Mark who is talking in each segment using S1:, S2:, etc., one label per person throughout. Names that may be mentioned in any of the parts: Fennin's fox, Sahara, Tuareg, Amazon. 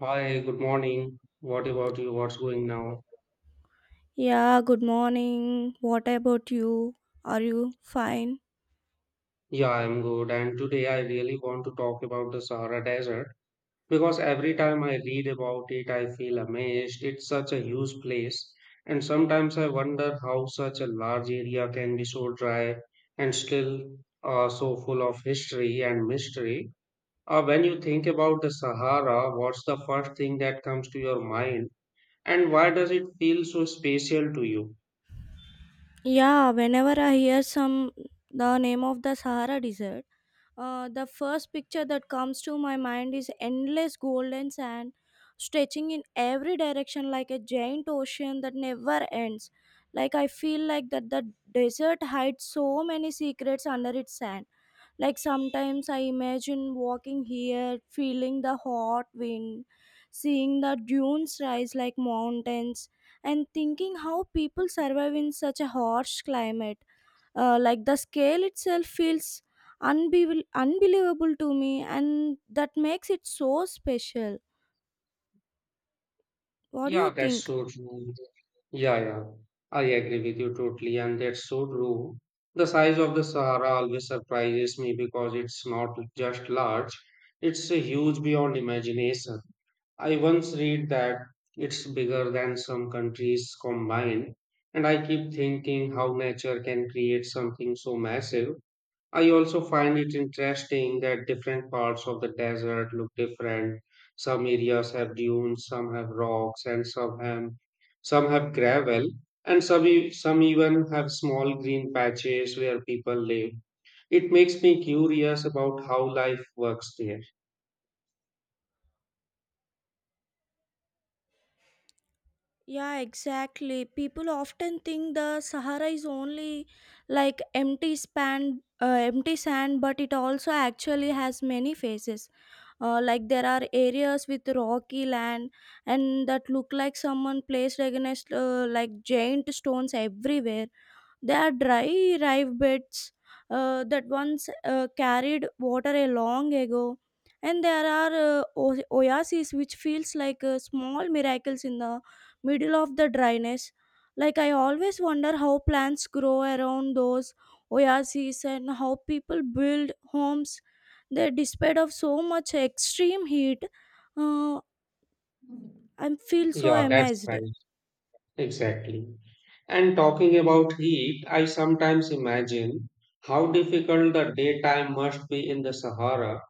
S1: Hi, good morning. What about you? What's going now?
S2: Yeah, good morning. What about you? Are you fine?
S1: Yeah, I'm good. And today I really want to talk about the Sahara Desert because every time I read about it, I feel amazed. It's such a huge place. And sometimes I wonder how such a large area can be so dry and still so full of history and mystery. When you think about the Sahara, what's the first thing that comes to your mind? And why does it feel so special to you?
S2: Yeah, whenever I hear some the name of the Sahara Desert, the first picture that comes to my mind is endless golden sand stretching in every direction like a giant ocean that never ends. Like I feel like that the desert hides so many secrets under its sand. Like sometimes I imagine walking here, feeling the hot wind, seeing the dunes rise like mountains, and thinking how people survive in such a harsh climate, like the scale itself feels unbelievable to me, and that makes it so special. What do you
S1: Yeah, that's
S2: think?
S1: so true. Yeah, yeah, I agree with you totally, and that's so true. The size of the Sahara always surprises me because it's not just large, it's a huge beyond imagination. I once read that it's bigger than some countries combined, and I keep thinking how nature can create something so massive. I also find it interesting that different parts of the desert look different. Some areas have dunes, some have rocks, and some have gravel, and some even have small green patches where people live. It makes me curious about how life works there.
S2: Yeah, exactly, people often think the Sahara is only like empty span, empty sand, but it also actually has many faces. Like there are areas with rocky land and that look like someone placed against, like, giant stones everywhere. They are dry rive beds that once carried water a long ago, and there are, oases which feels like, small miracles in the middle of the dryness. Like I always wonder how plants grow around those oases and how people build homes there despite of so much extreme heat. Uh, I feel so
S1: Yeah, that's
S2: amazed.
S1: right. Exactly. And talking about heat, I sometimes imagine how difficult the daytime must be in the Sahara.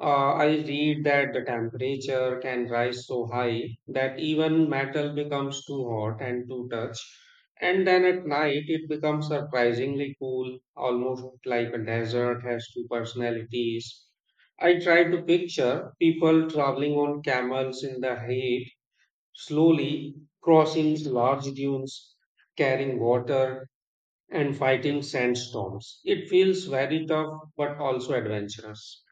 S1: I read that the temperature can rise so high that even metal becomes too hot and too touch, and then at night it becomes surprisingly cool, almost like a desert has two personalities. I tried to picture people traveling on camels in the heat, slowly crossing large dunes, carrying water, and fighting sandstorms. It feels very tough but also adventurous.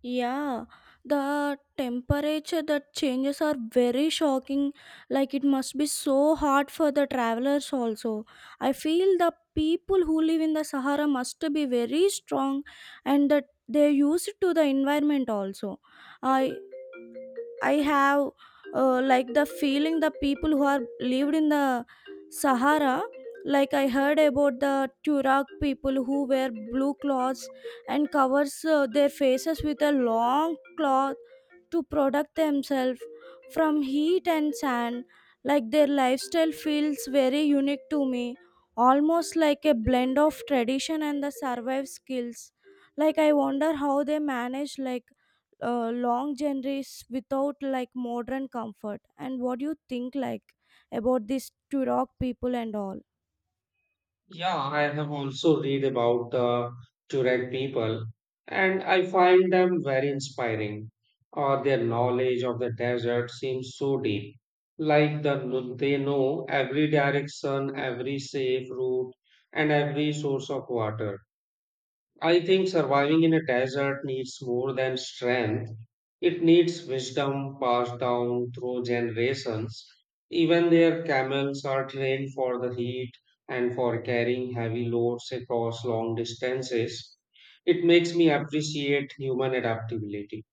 S2: Yeah, the temperature that changes are very shocking. Like it must be so hard for the travelers also. I feel the people who live in the Sahara must be very strong and that they use it to the environment also. I I have, like, the feeling the people who are lived in the Sahara. Like I heard about the Tuareg people who wear blue cloths and covers, their faces with a long cloth to protect themselves from heat and sand. Like their lifestyle feels very unique to me, almost like a blend of tradition and the survival skills. Like I wonder how they manage like, long journeys without like modern comfort. And what do you think like about this turok people and all?
S1: Yeah, I have also read about the Tuareg people and I find them very inspiring. Or their knowledge of the desert seems so deep. Like they know every direction, every safe route, and every source of water. I think surviving in a desert needs more than strength. It needs wisdom passed down through generations. Even their camels are trained for the heat and for carrying heavy loads across long distances. It makes me appreciate human adaptability.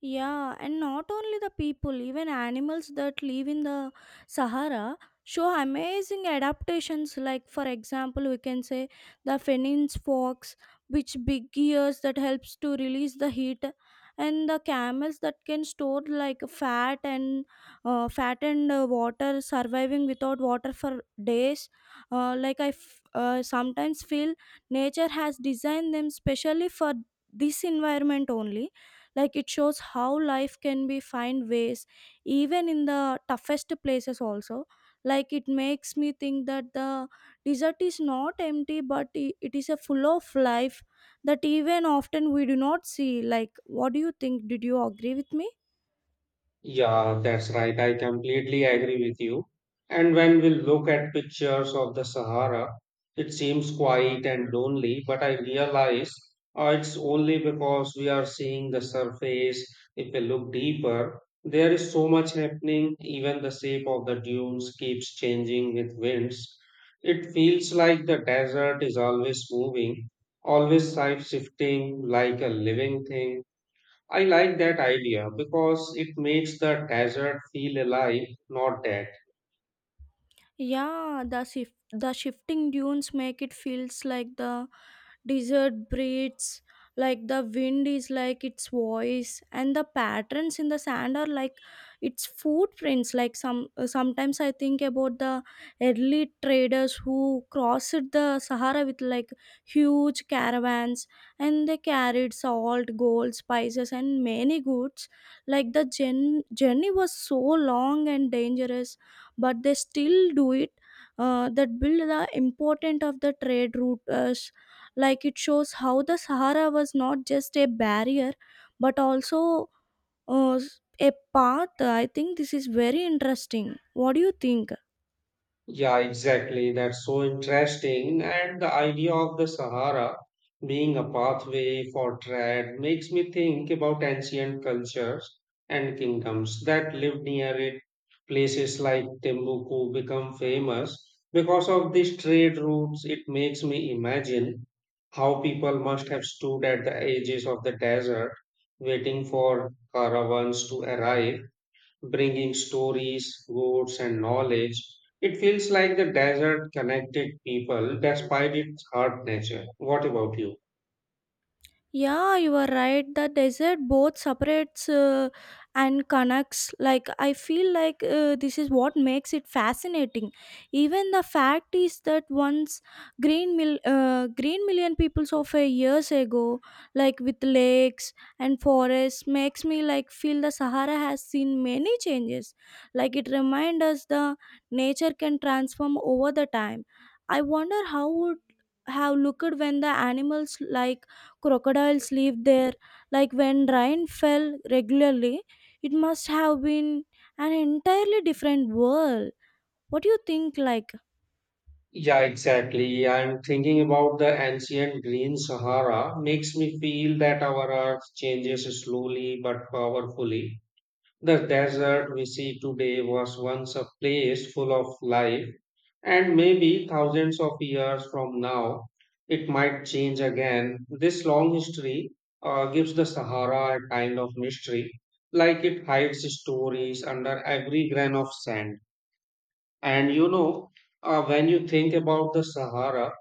S2: Yeah, and not only the people, even animals that live in the Sahara show amazing adaptations. Like, for example, we can say the Fennin's fox, which big ears that helps to release the heat, and the camels that can store like fat and, uh, fat and water, surviving without water for days. Like I sometimes feel nature has designed them specially for this environment only. Like it shows how life can be find ways even in the toughest places also. Like it makes me think that the desert is not empty, but it is a full of life that even often we do not see. Like, what do you think? Did you agree with me?
S1: Yeah, that's right. I completely agree with you. And when we look at pictures of the Sahara, it seems quiet and lonely, but I realize it's only because we are seeing the surface. If we look deeper, there is so much happening. Even the shape of the dunes keeps changing with winds. It feels like the desert is always moving, always side shifting like a living thing. I like that idea because it makes the desert feel alive, not dead.
S2: Yeah, the shifting dunes make it feels like the desert breathes, like the wind is like its voice, and the patterns in the sand are like its footprints. Like sometimes I think about the early traders who crossed the Sahara with like huge caravans, and they carried salt, gold, spices, and many goods. Like the journey was so long and dangerous, but they still do it, that build the importance of the trade routes. Like it shows how the Sahara was not just a barrier, but also, uh, a path. I think this is very interesting. What do you think?
S1: Yeah, exactly. That's so interesting. And the idea of the Sahara being a pathway for trade makes me think about ancient cultures and kingdoms that lived near it. Places like Timbuktu become famous because of these trade routes. It makes me imagine how people must have stood at the edges of the desert waiting for caravans to arrive bringing stories, goods, and knowledge. It feels like the desert connected people despite its hard nature. What about you?
S2: Yeah, you are right. The desert both separates, and connects. Like, I feel like, this is what makes it fascinating. Even the fact is that once green, green million peoples of a years ago, like with lakes and forests, makes me like feel the Sahara has seen many changes. Like, it reminds us the nature can transform over the time. I wonder how would have looked when the animals like crocodiles live there. Like when rain fell regularly, it must have been an entirely different world. What do you think like?
S1: Yeah, exactly. I'm thinking about the ancient Green Sahara. Makes me feel that our earth changes slowly but powerfully. The desert we see today was once a place full of life. And maybe thousands of years from now, it might change again. This long history gives the Sahara a kind of mystery, like it hides stories under every grain of sand. And you know, when you think about the Sahara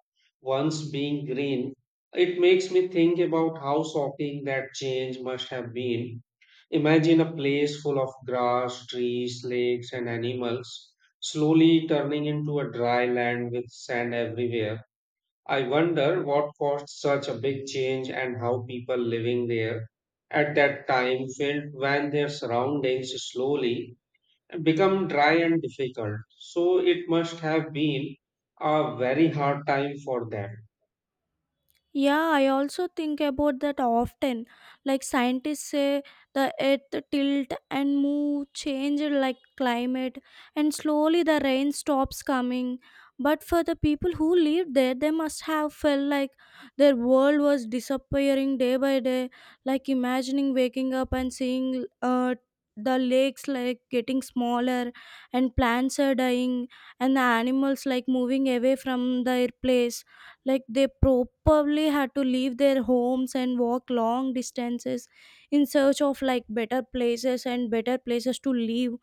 S1: once being green, it makes me think about how shocking that change must have been. Imagine a place full of grass, trees, lakes, and animals, slowly turning into a dry land with sand everywhere. I wonder what caused such a big change and how people living there at that time felt when their surroundings slowly become dry and difficult. So it must have been a very hard time for them.
S2: Yeah, I also think about that often. Like scientists say the earth tilt and move change like climate, and slowly the rain stops coming. But for the people who lived there, they must have felt like their world was disappearing day by day, like imagining waking up and seeing, the lakes like getting smaller and plants are dying and the animals like moving away from their place. Like they probably had to leave their homes and walk long distances in search of like better places and better places to live.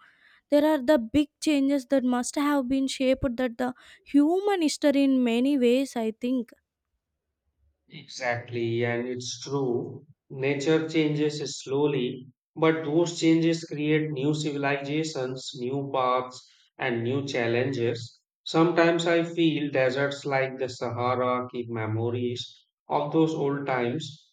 S2: There are the big changes that must have been shaped that the human history in many ways, I think.
S1: Exactly, and it's true. Nature changes slowly, but those changes create new civilizations, new paths, and new challenges. Sometimes I feel deserts like the Sahara keep memories of those old times,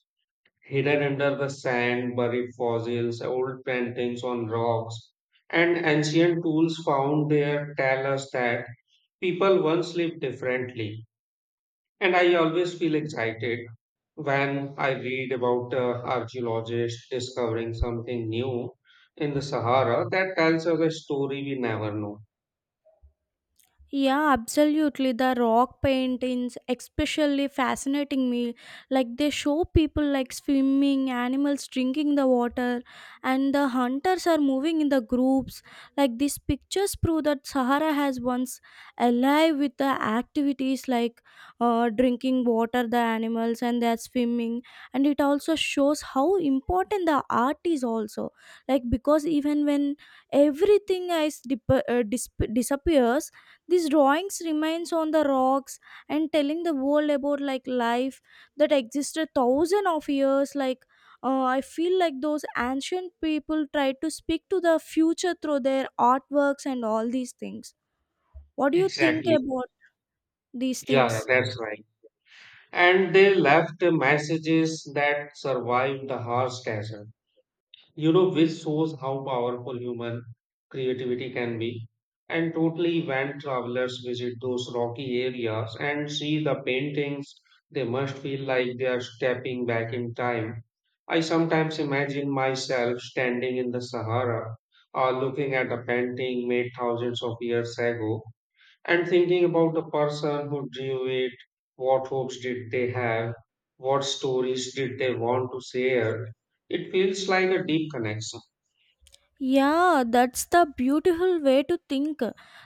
S1: hidden under the sand, buried fossils, old paintings on rocks, and ancient tools found there tell us that people once lived differently. And I always feel excited when I read about archaeologists discovering something new in the Sahara that tells us a story we never know.
S2: Yeah, absolutely. The rock paintings, especially fascinating me. Like they show people like swimming, animals drinking the water, and the hunters are moving in the groups. Like these pictures prove that Sahara has once alive with the activities like, drinking water, the animals, and they're swimming. And it also shows how important the art is also. Like, because even when everything is disappears, these drawings remains on the rocks and telling the world about like life that existed thousand of years. Like, I feel like those ancient people tried to speak to the future through their artworks and all these things. What do you think
S1: Exactly.
S2: about these
S1: Yeah,
S2: things?
S1: that's right. And they left messages that survived the harsh desert, you know, which shows how powerful human creativity can be. And totally, when travelers visit those rocky areas and see the paintings, they must feel like they are stepping back in time. I sometimes imagine myself standing in the Sahara or looking at a painting made thousands of years ago and thinking about the person who drew it. What hopes did they have? What stories did they want to share? It feels like a deep connection.
S2: Yeah, that's the beautiful way to think.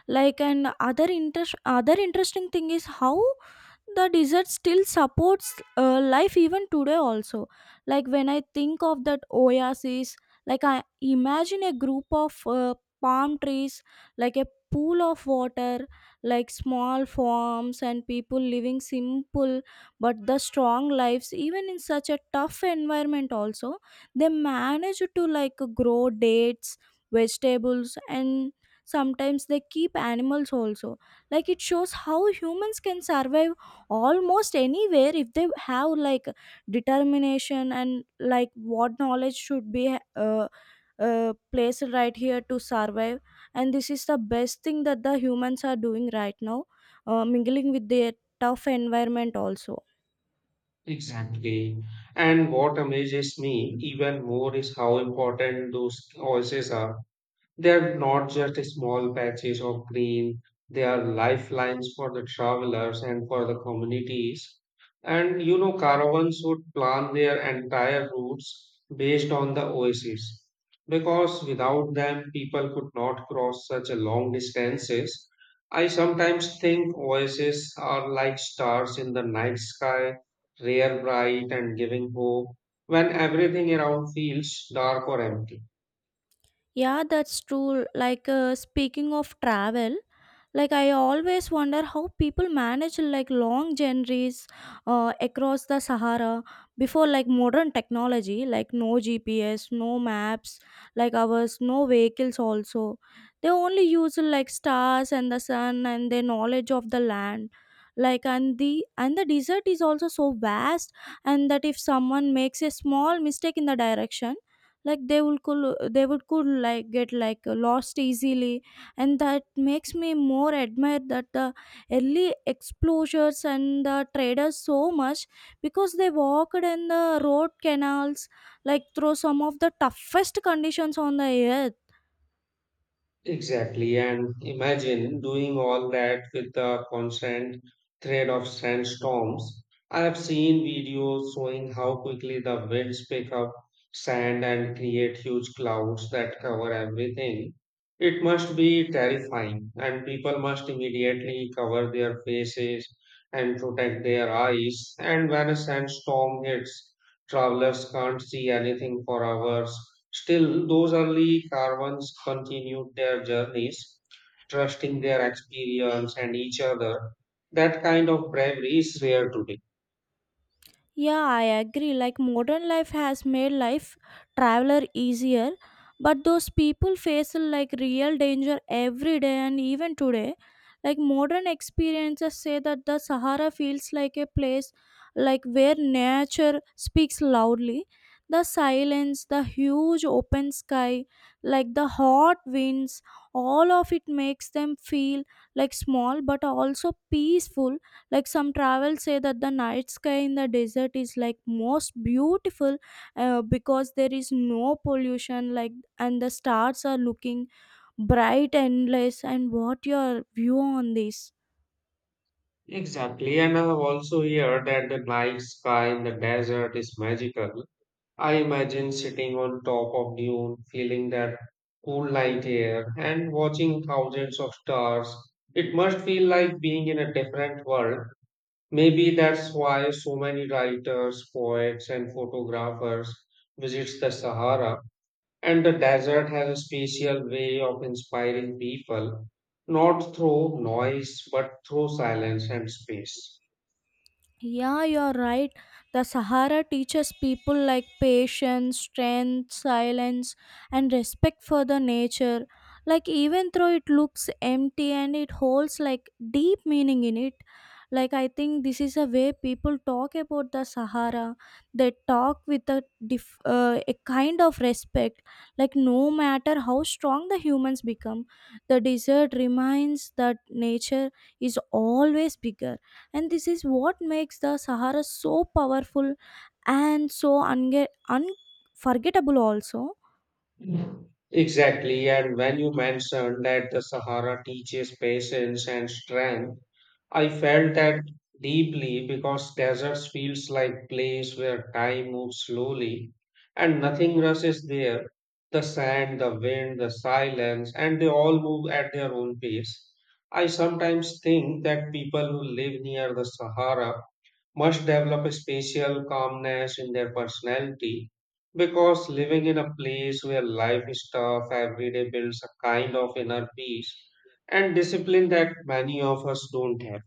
S2: Like, and other interesting thing is how the desert still supports, life even today also. Like when I think of that oasis, like I imagine a group of, palm trees, like a pool of water, like small farms and people living simple but the strong lives even in such a tough environment also. They manage to like grow dates, vegetables, and sometimes they keep animals also. Like it shows how humans can survive almost anywhere if they have like determination and like what knowledge should be placed right here to survive. And this is the best thing that the humans are doing right now, mingling with their tough environment also.
S1: Exactly. And what amazes me even more is how important those voices are. They are not just small patches of green, they are lifelines for the travelers and for the communities. And you know, caravans would plan their entire routes based on the oases because without them, people could not cross such a long distances. I sometimes think oases are like stars in the night sky, rare, bright, and giving hope when everything around feels dark or empty.
S2: Yeah, that's true. Like, speaking of travel, like I always wonder how people manage like long journeys, across the Sahara before like modern technology, like no GPS, no maps like ours, no vehicles also. They only use like stars and the sun and their knowledge of the land. Like, and the desert is also so vast, and that if someone makes a small mistake in the direction, like they would could like get like lost easily. And that makes me more admire that the early explorers and the traders so much, because they walked in the road canals like through some of the toughest conditions on the earth.
S1: Exactly, and imagine doing all that with the constant threat of sandstorms. I have seen videos showing how quickly the winds pick up sand and create huge clouds that cover everything. It must be terrifying, and people must immediately cover their faces and protect their eyes. And when a sandstorm hits, travelers can't see anything for hours. Still, those early caravans continued their journeys, trusting their experience and each other. That kind of bravery is rare today.
S2: Yeah, I agree. Like modern life has made life traveler easier, but those people face like real danger every day and even today. Like modern experiences say that the Sahara feels like a place like where nature speaks loudly. The silence, the huge open sky, like the hot winds, all of it makes them feel like small but also peaceful. Like some travels say that the night sky in the desert is like most beautiful, because there is no pollution like, and the stars are looking bright, endless. And what your view on this?
S1: Exactly, and I have also heard that the night sky in the desert is magical. I imagine sitting on top of dune, feeling that cool night air, and watching thousands of stars. It must feel like being in a different world. Maybe that's why so many writers, poets, and photographers visits the Sahara. And the desert has a special way of inspiring people, not through noise, but through silence and space.
S2: Yeah, you're right. The Sahara teaches people like patience, strength, silence, and respect for the nature. Like, even though it looks empty, and it holds like deep meaning in it. Like, I think this is a way people talk about the Sahara. They talk with a, a kind of respect. Like, no matter how strong the humans become, the desert reminds that nature is always bigger, and this is what makes the Sahara so powerful and so unforgettable also.
S1: Exactly. And when you mentioned that the Sahara teaches patience and strength, I felt that deeply because deserts feels like place where time moves slowly and nothing rushes there. The sand, the wind, the silence, and they all move at their own pace. I sometimes think that people who live near the Sahara must develop a special calmness in their personality because living in a place where life is tough every day builds a kind of inner peace and discipline that many of us don't have.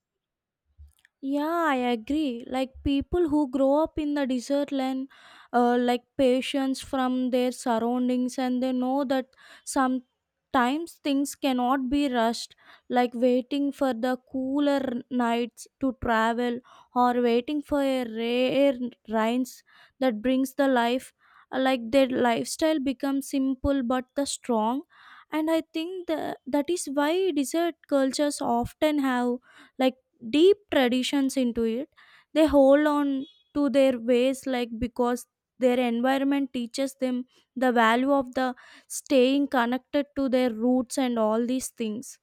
S2: Yeah, I agree. Like people who grow up in the desert land, like patience from their surroundings, and they know that sometimes things cannot be rushed, like waiting for the cooler nights to travel or waiting for a rare rains that brings the life. Like their lifestyle becomes simple but the strong. And I think that, is why desert cultures often have like deep traditions into it. They hold on to their ways like because their environment teaches them the value of the staying connected to their roots and all these things.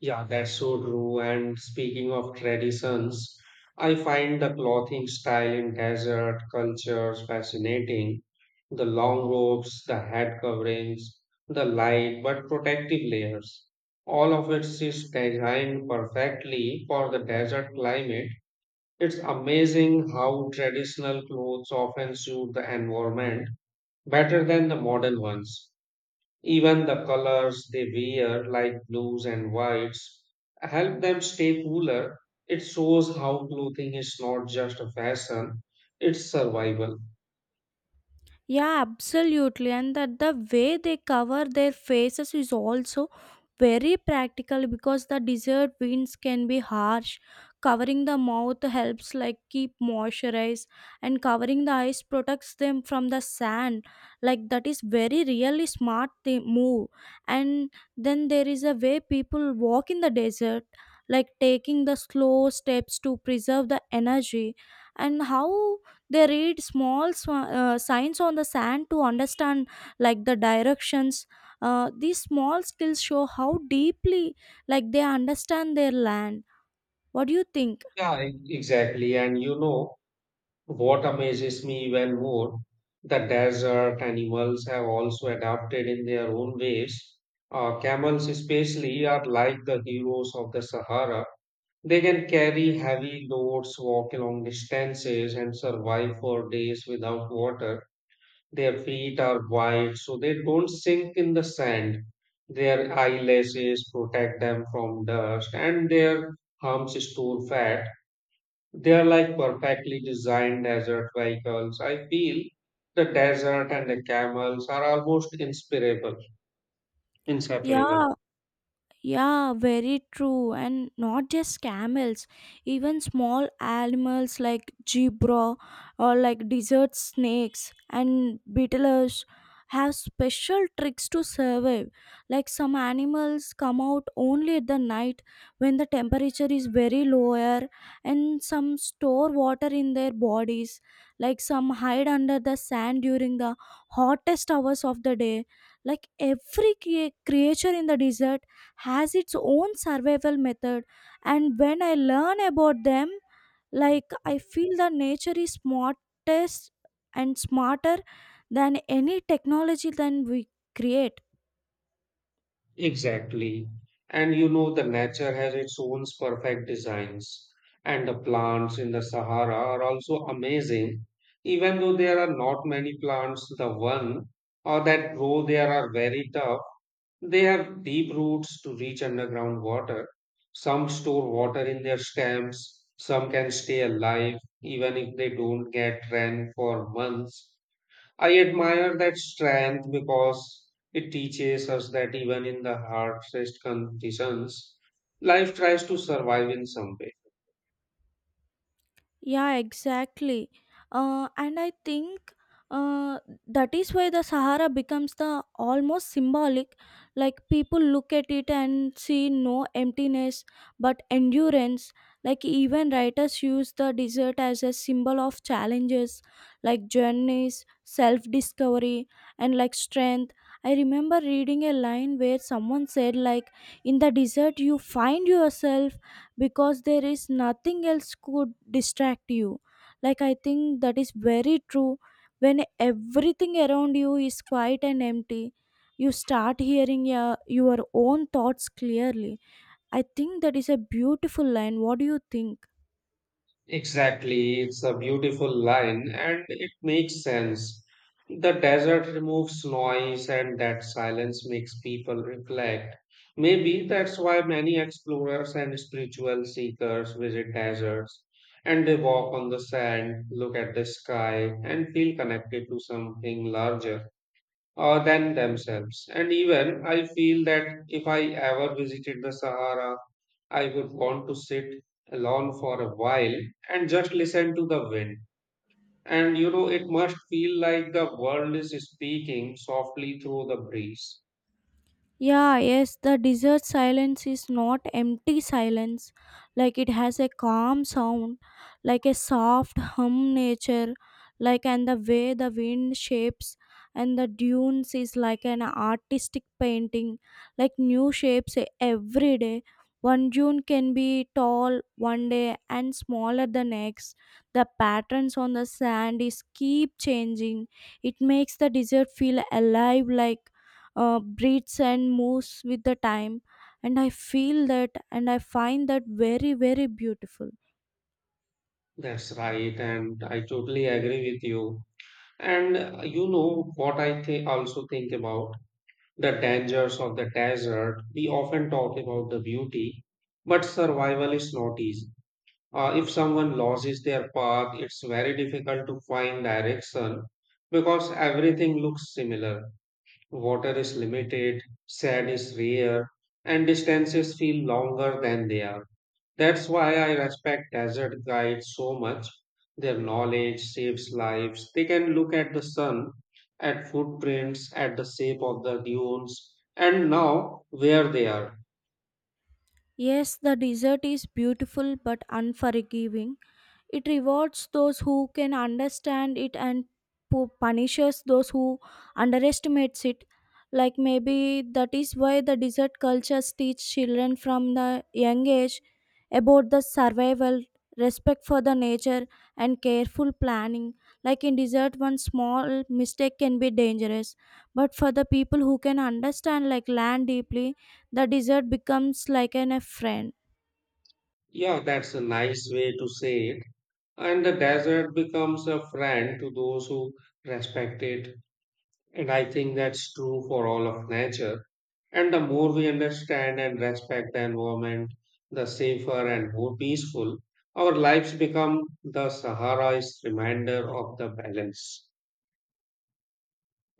S1: Yeah, that's so true. And speaking of traditions, I find the clothing style in desert cultures fascinating. The long robes, the head coverings, the light but protective layers. All of it is designed perfectly for the desert climate. It's amazing how traditional clothes often suit the environment better than the modern ones. Even the colors they wear, like blues and whites, help them stay cooler. It shows how clothing is not just a fashion, it's survival.
S2: Yeah, absolutely. And that the way they cover their faces is also very practical, because the desert winds can be harsh. Covering the mouth helps like keep moisturized, and covering the eyes protects them from the sand. Like that is very really smart they move. And then there is a way people walk in the desert, like taking the slow steps to preserve the energy, and how they read small signs on the sand to understand like the directions. These small skills show how deeply like they understand their land. What do you think?
S1: Yeah, exactly. And you know what amazes me even more? The desert animals have also adapted in their own ways. Camels, especially, are like the heroes of the Sahara. They can carry heavy loads, walk long distances, and survive for days without water. Their feet are wide so they don't sink in the sand. Their eyelashes protect them from dust and their humps store fat. They are like perfectly designed desert vehicles. I feel the desert and the camels are almost inseparable. Inseparable.
S2: Yeah. Yeah, very true. And not just camels, even small animals like zebra or like desert snakes and beetles have special tricks to survive. Like some animals come out only at the night when the temperature is very lower, and some store water in their bodies. Like some hide under the sand during the hottest hours of the day. Like every creature in the desert has its own survival method, and when I learn about them, like, I feel that nature is smartest and smarter than any technology than we create.
S1: Exactly. And you know, the nature has its own perfect designs. And the plants in the Sahara are also amazing. Even though there are not many plants, the one or that grow there are very tough. They have deep roots to reach underground water. Some store water in their stems. Some can stay alive even if they don't get rain for months. I admire that strength because it teaches us that even in the harshest conditions, life tries to survive in some way.
S2: Yeah, exactly. And I think uh, that is why the Sahara becomes the almost symbolic. Like people look at it and see no emptiness but endurance. Like even writers use the desert as a symbol of challenges, like journeys, self discovery, and like strength. I remember reading a line where someone said, like, in the desert you find yourself because there is nothing else could distract you. Like I think that is very true. When everything around you is quiet and empty, you start hearing your own thoughts clearly. I think that is a beautiful line. What do you think?
S1: Exactly, it's a beautiful line and it makes sense. The desert removes noise, and that silence makes people reflect. Maybe that's why many explorers and spiritual seekers visit deserts and they walk on the sand, look at the sky, and feel connected to something larger than themselves. And even I feel that if I ever visited the Sahara, I would want to sit alone for a while and just listen to the wind. And you know, it must feel like the world is speaking softly through the breeze.
S2: Yeah, yes, the desert silence is not empty silence. Like it has a calm sound, like a soft hum nature, like, and the way the wind shapes and the dunes is like an artistic painting, like new shapes every day. One dune can be tall one day and smaller the next. The patterns on the sand is keep changing. It makes the desert feel alive, like, breathes and moves with the time, and I feel that, and I find that very very beautiful.
S1: That's right, and I totally agree with you. And you know what also think about the dangers of the desert. We often talk about the beauty, but survival is not easy. If someone loses their path, it's very difficult to find direction because everything looks similar. Water is limited, sand is rare, and distances feel longer than they are. That's why I respect desert guides so much. Their knowledge saves lives. They can look at the sun, at footprints, at the shape of the dunes, and now where they are.
S2: Yes, the desert is beautiful but unforgiving. It rewards those who can understand it and punishes those who underestimates it. Like maybe that is why the desert cultures teach children from the young age about the survival, respect for the nature, and careful planning. Like in desert, one small mistake can be dangerous, but for the people who can understand like land deeply, the desert becomes like an a friend.
S1: Yeah, that's a nice way to say it. And the desert becomes a friend to those who respect it. And I think that's true for all of nature. And the more we understand and respect the environment, the safer and more peaceful our lives become. The Sahara is reminder of the balance.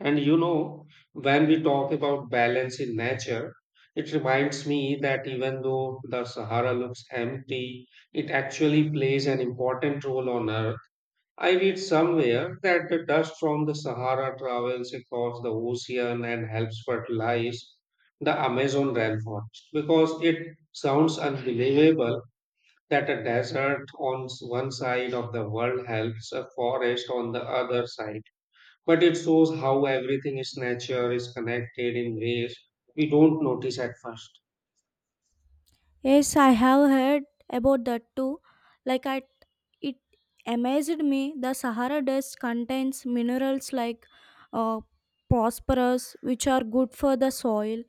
S1: And you know, when we talk about balance in nature, it reminds me that even though the Sahara looks empty, it actually plays an important role on Earth. I read somewhere that the dust from the Sahara travels across the ocean and helps fertilize the Amazon rainforest because it sounds unbelievable that a desert on one side of the world helps a forest on the other side. But it shows how everything is nature is connected in ways we don't notice at first.
S2: Yes, I have heard about that too. Like I, it amazed me. The Sahara dust contains minerals like uh, phosphorus, which are good for the soil.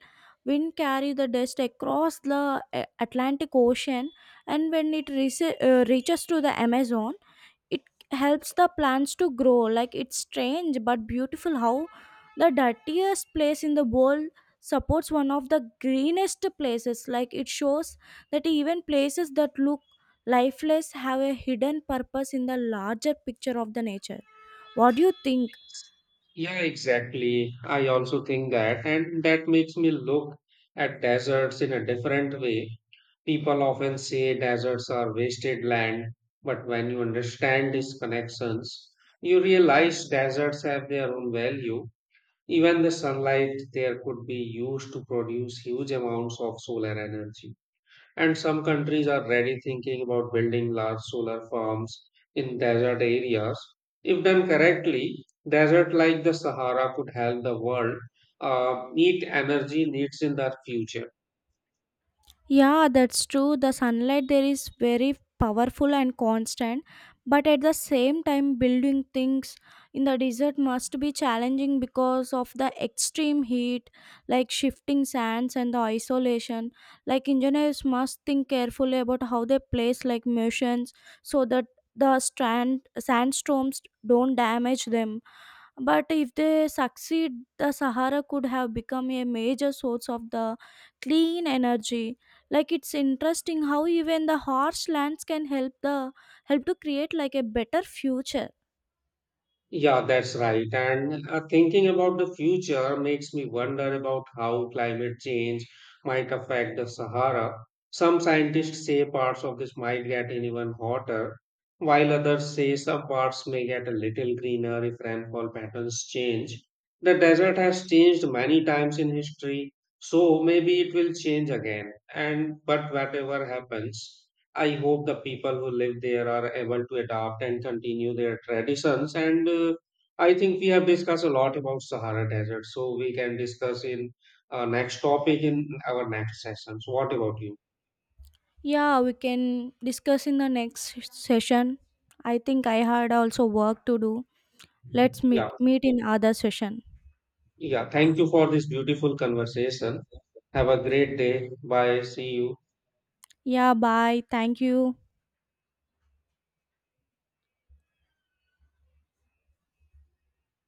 S2: Wind carry the dust across the Atlantic Ocean, and when it reaches reaches to the Amazon, it helps the plants to grow. Like it's strange but beautiful how the dirtiest place in the world supports one of the greenest places. Like it shows that even places that look lifeless have a hidden purpose in the larger picture of the nature. What do you think?
S1: Yeah, exactly. I also think that, and that makes me look at deserts in a different way. People often say deserts are wasted land, but when you understand these connections, you realize deserts have their own value. Even the sunlight there could be used to produce huge amounts of solar energy. And some countries are already thinking about building large solar farms in desert areas. If done correctly, desert like the Sahara could help the world meet energy needs in the future.
S2: Yeah, that's true. The sunlight there is very powerful and constant, but at the same time, building things in the desert must be challenging because of the extreme heat, like shifting sands and the isolation. Like engineers must think carefully about how they place like motions so that the strand sandstorms don't damage them. But if they succeed, the Sahara could have become a major source of the clean energy. Like it's interesting how even the harsh lands can help the help to create like a better future.
S1: Yeah, that's right. And thinking about the future makes me wonder about how climate change might affect the Sahara. Some scientists say parts of this might get even hotter, while others say some parts may get a little greener if rainfall patterns change. The desert has changed many times in history, so maybe it will change again. And but whatever happens, I hope the people who live there are able to adapt and continue their traditions. And I think we have discussed a lot about Sahara Desert, so we can discuss in next topic in our next session. So, what about you?
S2: Yeah, we can discuss in the next session. I think I had also work to do. Let's
S1: Yeah,
S2: meet in other session.
S1: yeah. Thank you for this beautiful conversation. Have a great day. Bye. See you.
S2: Yeah, bye. Thank you.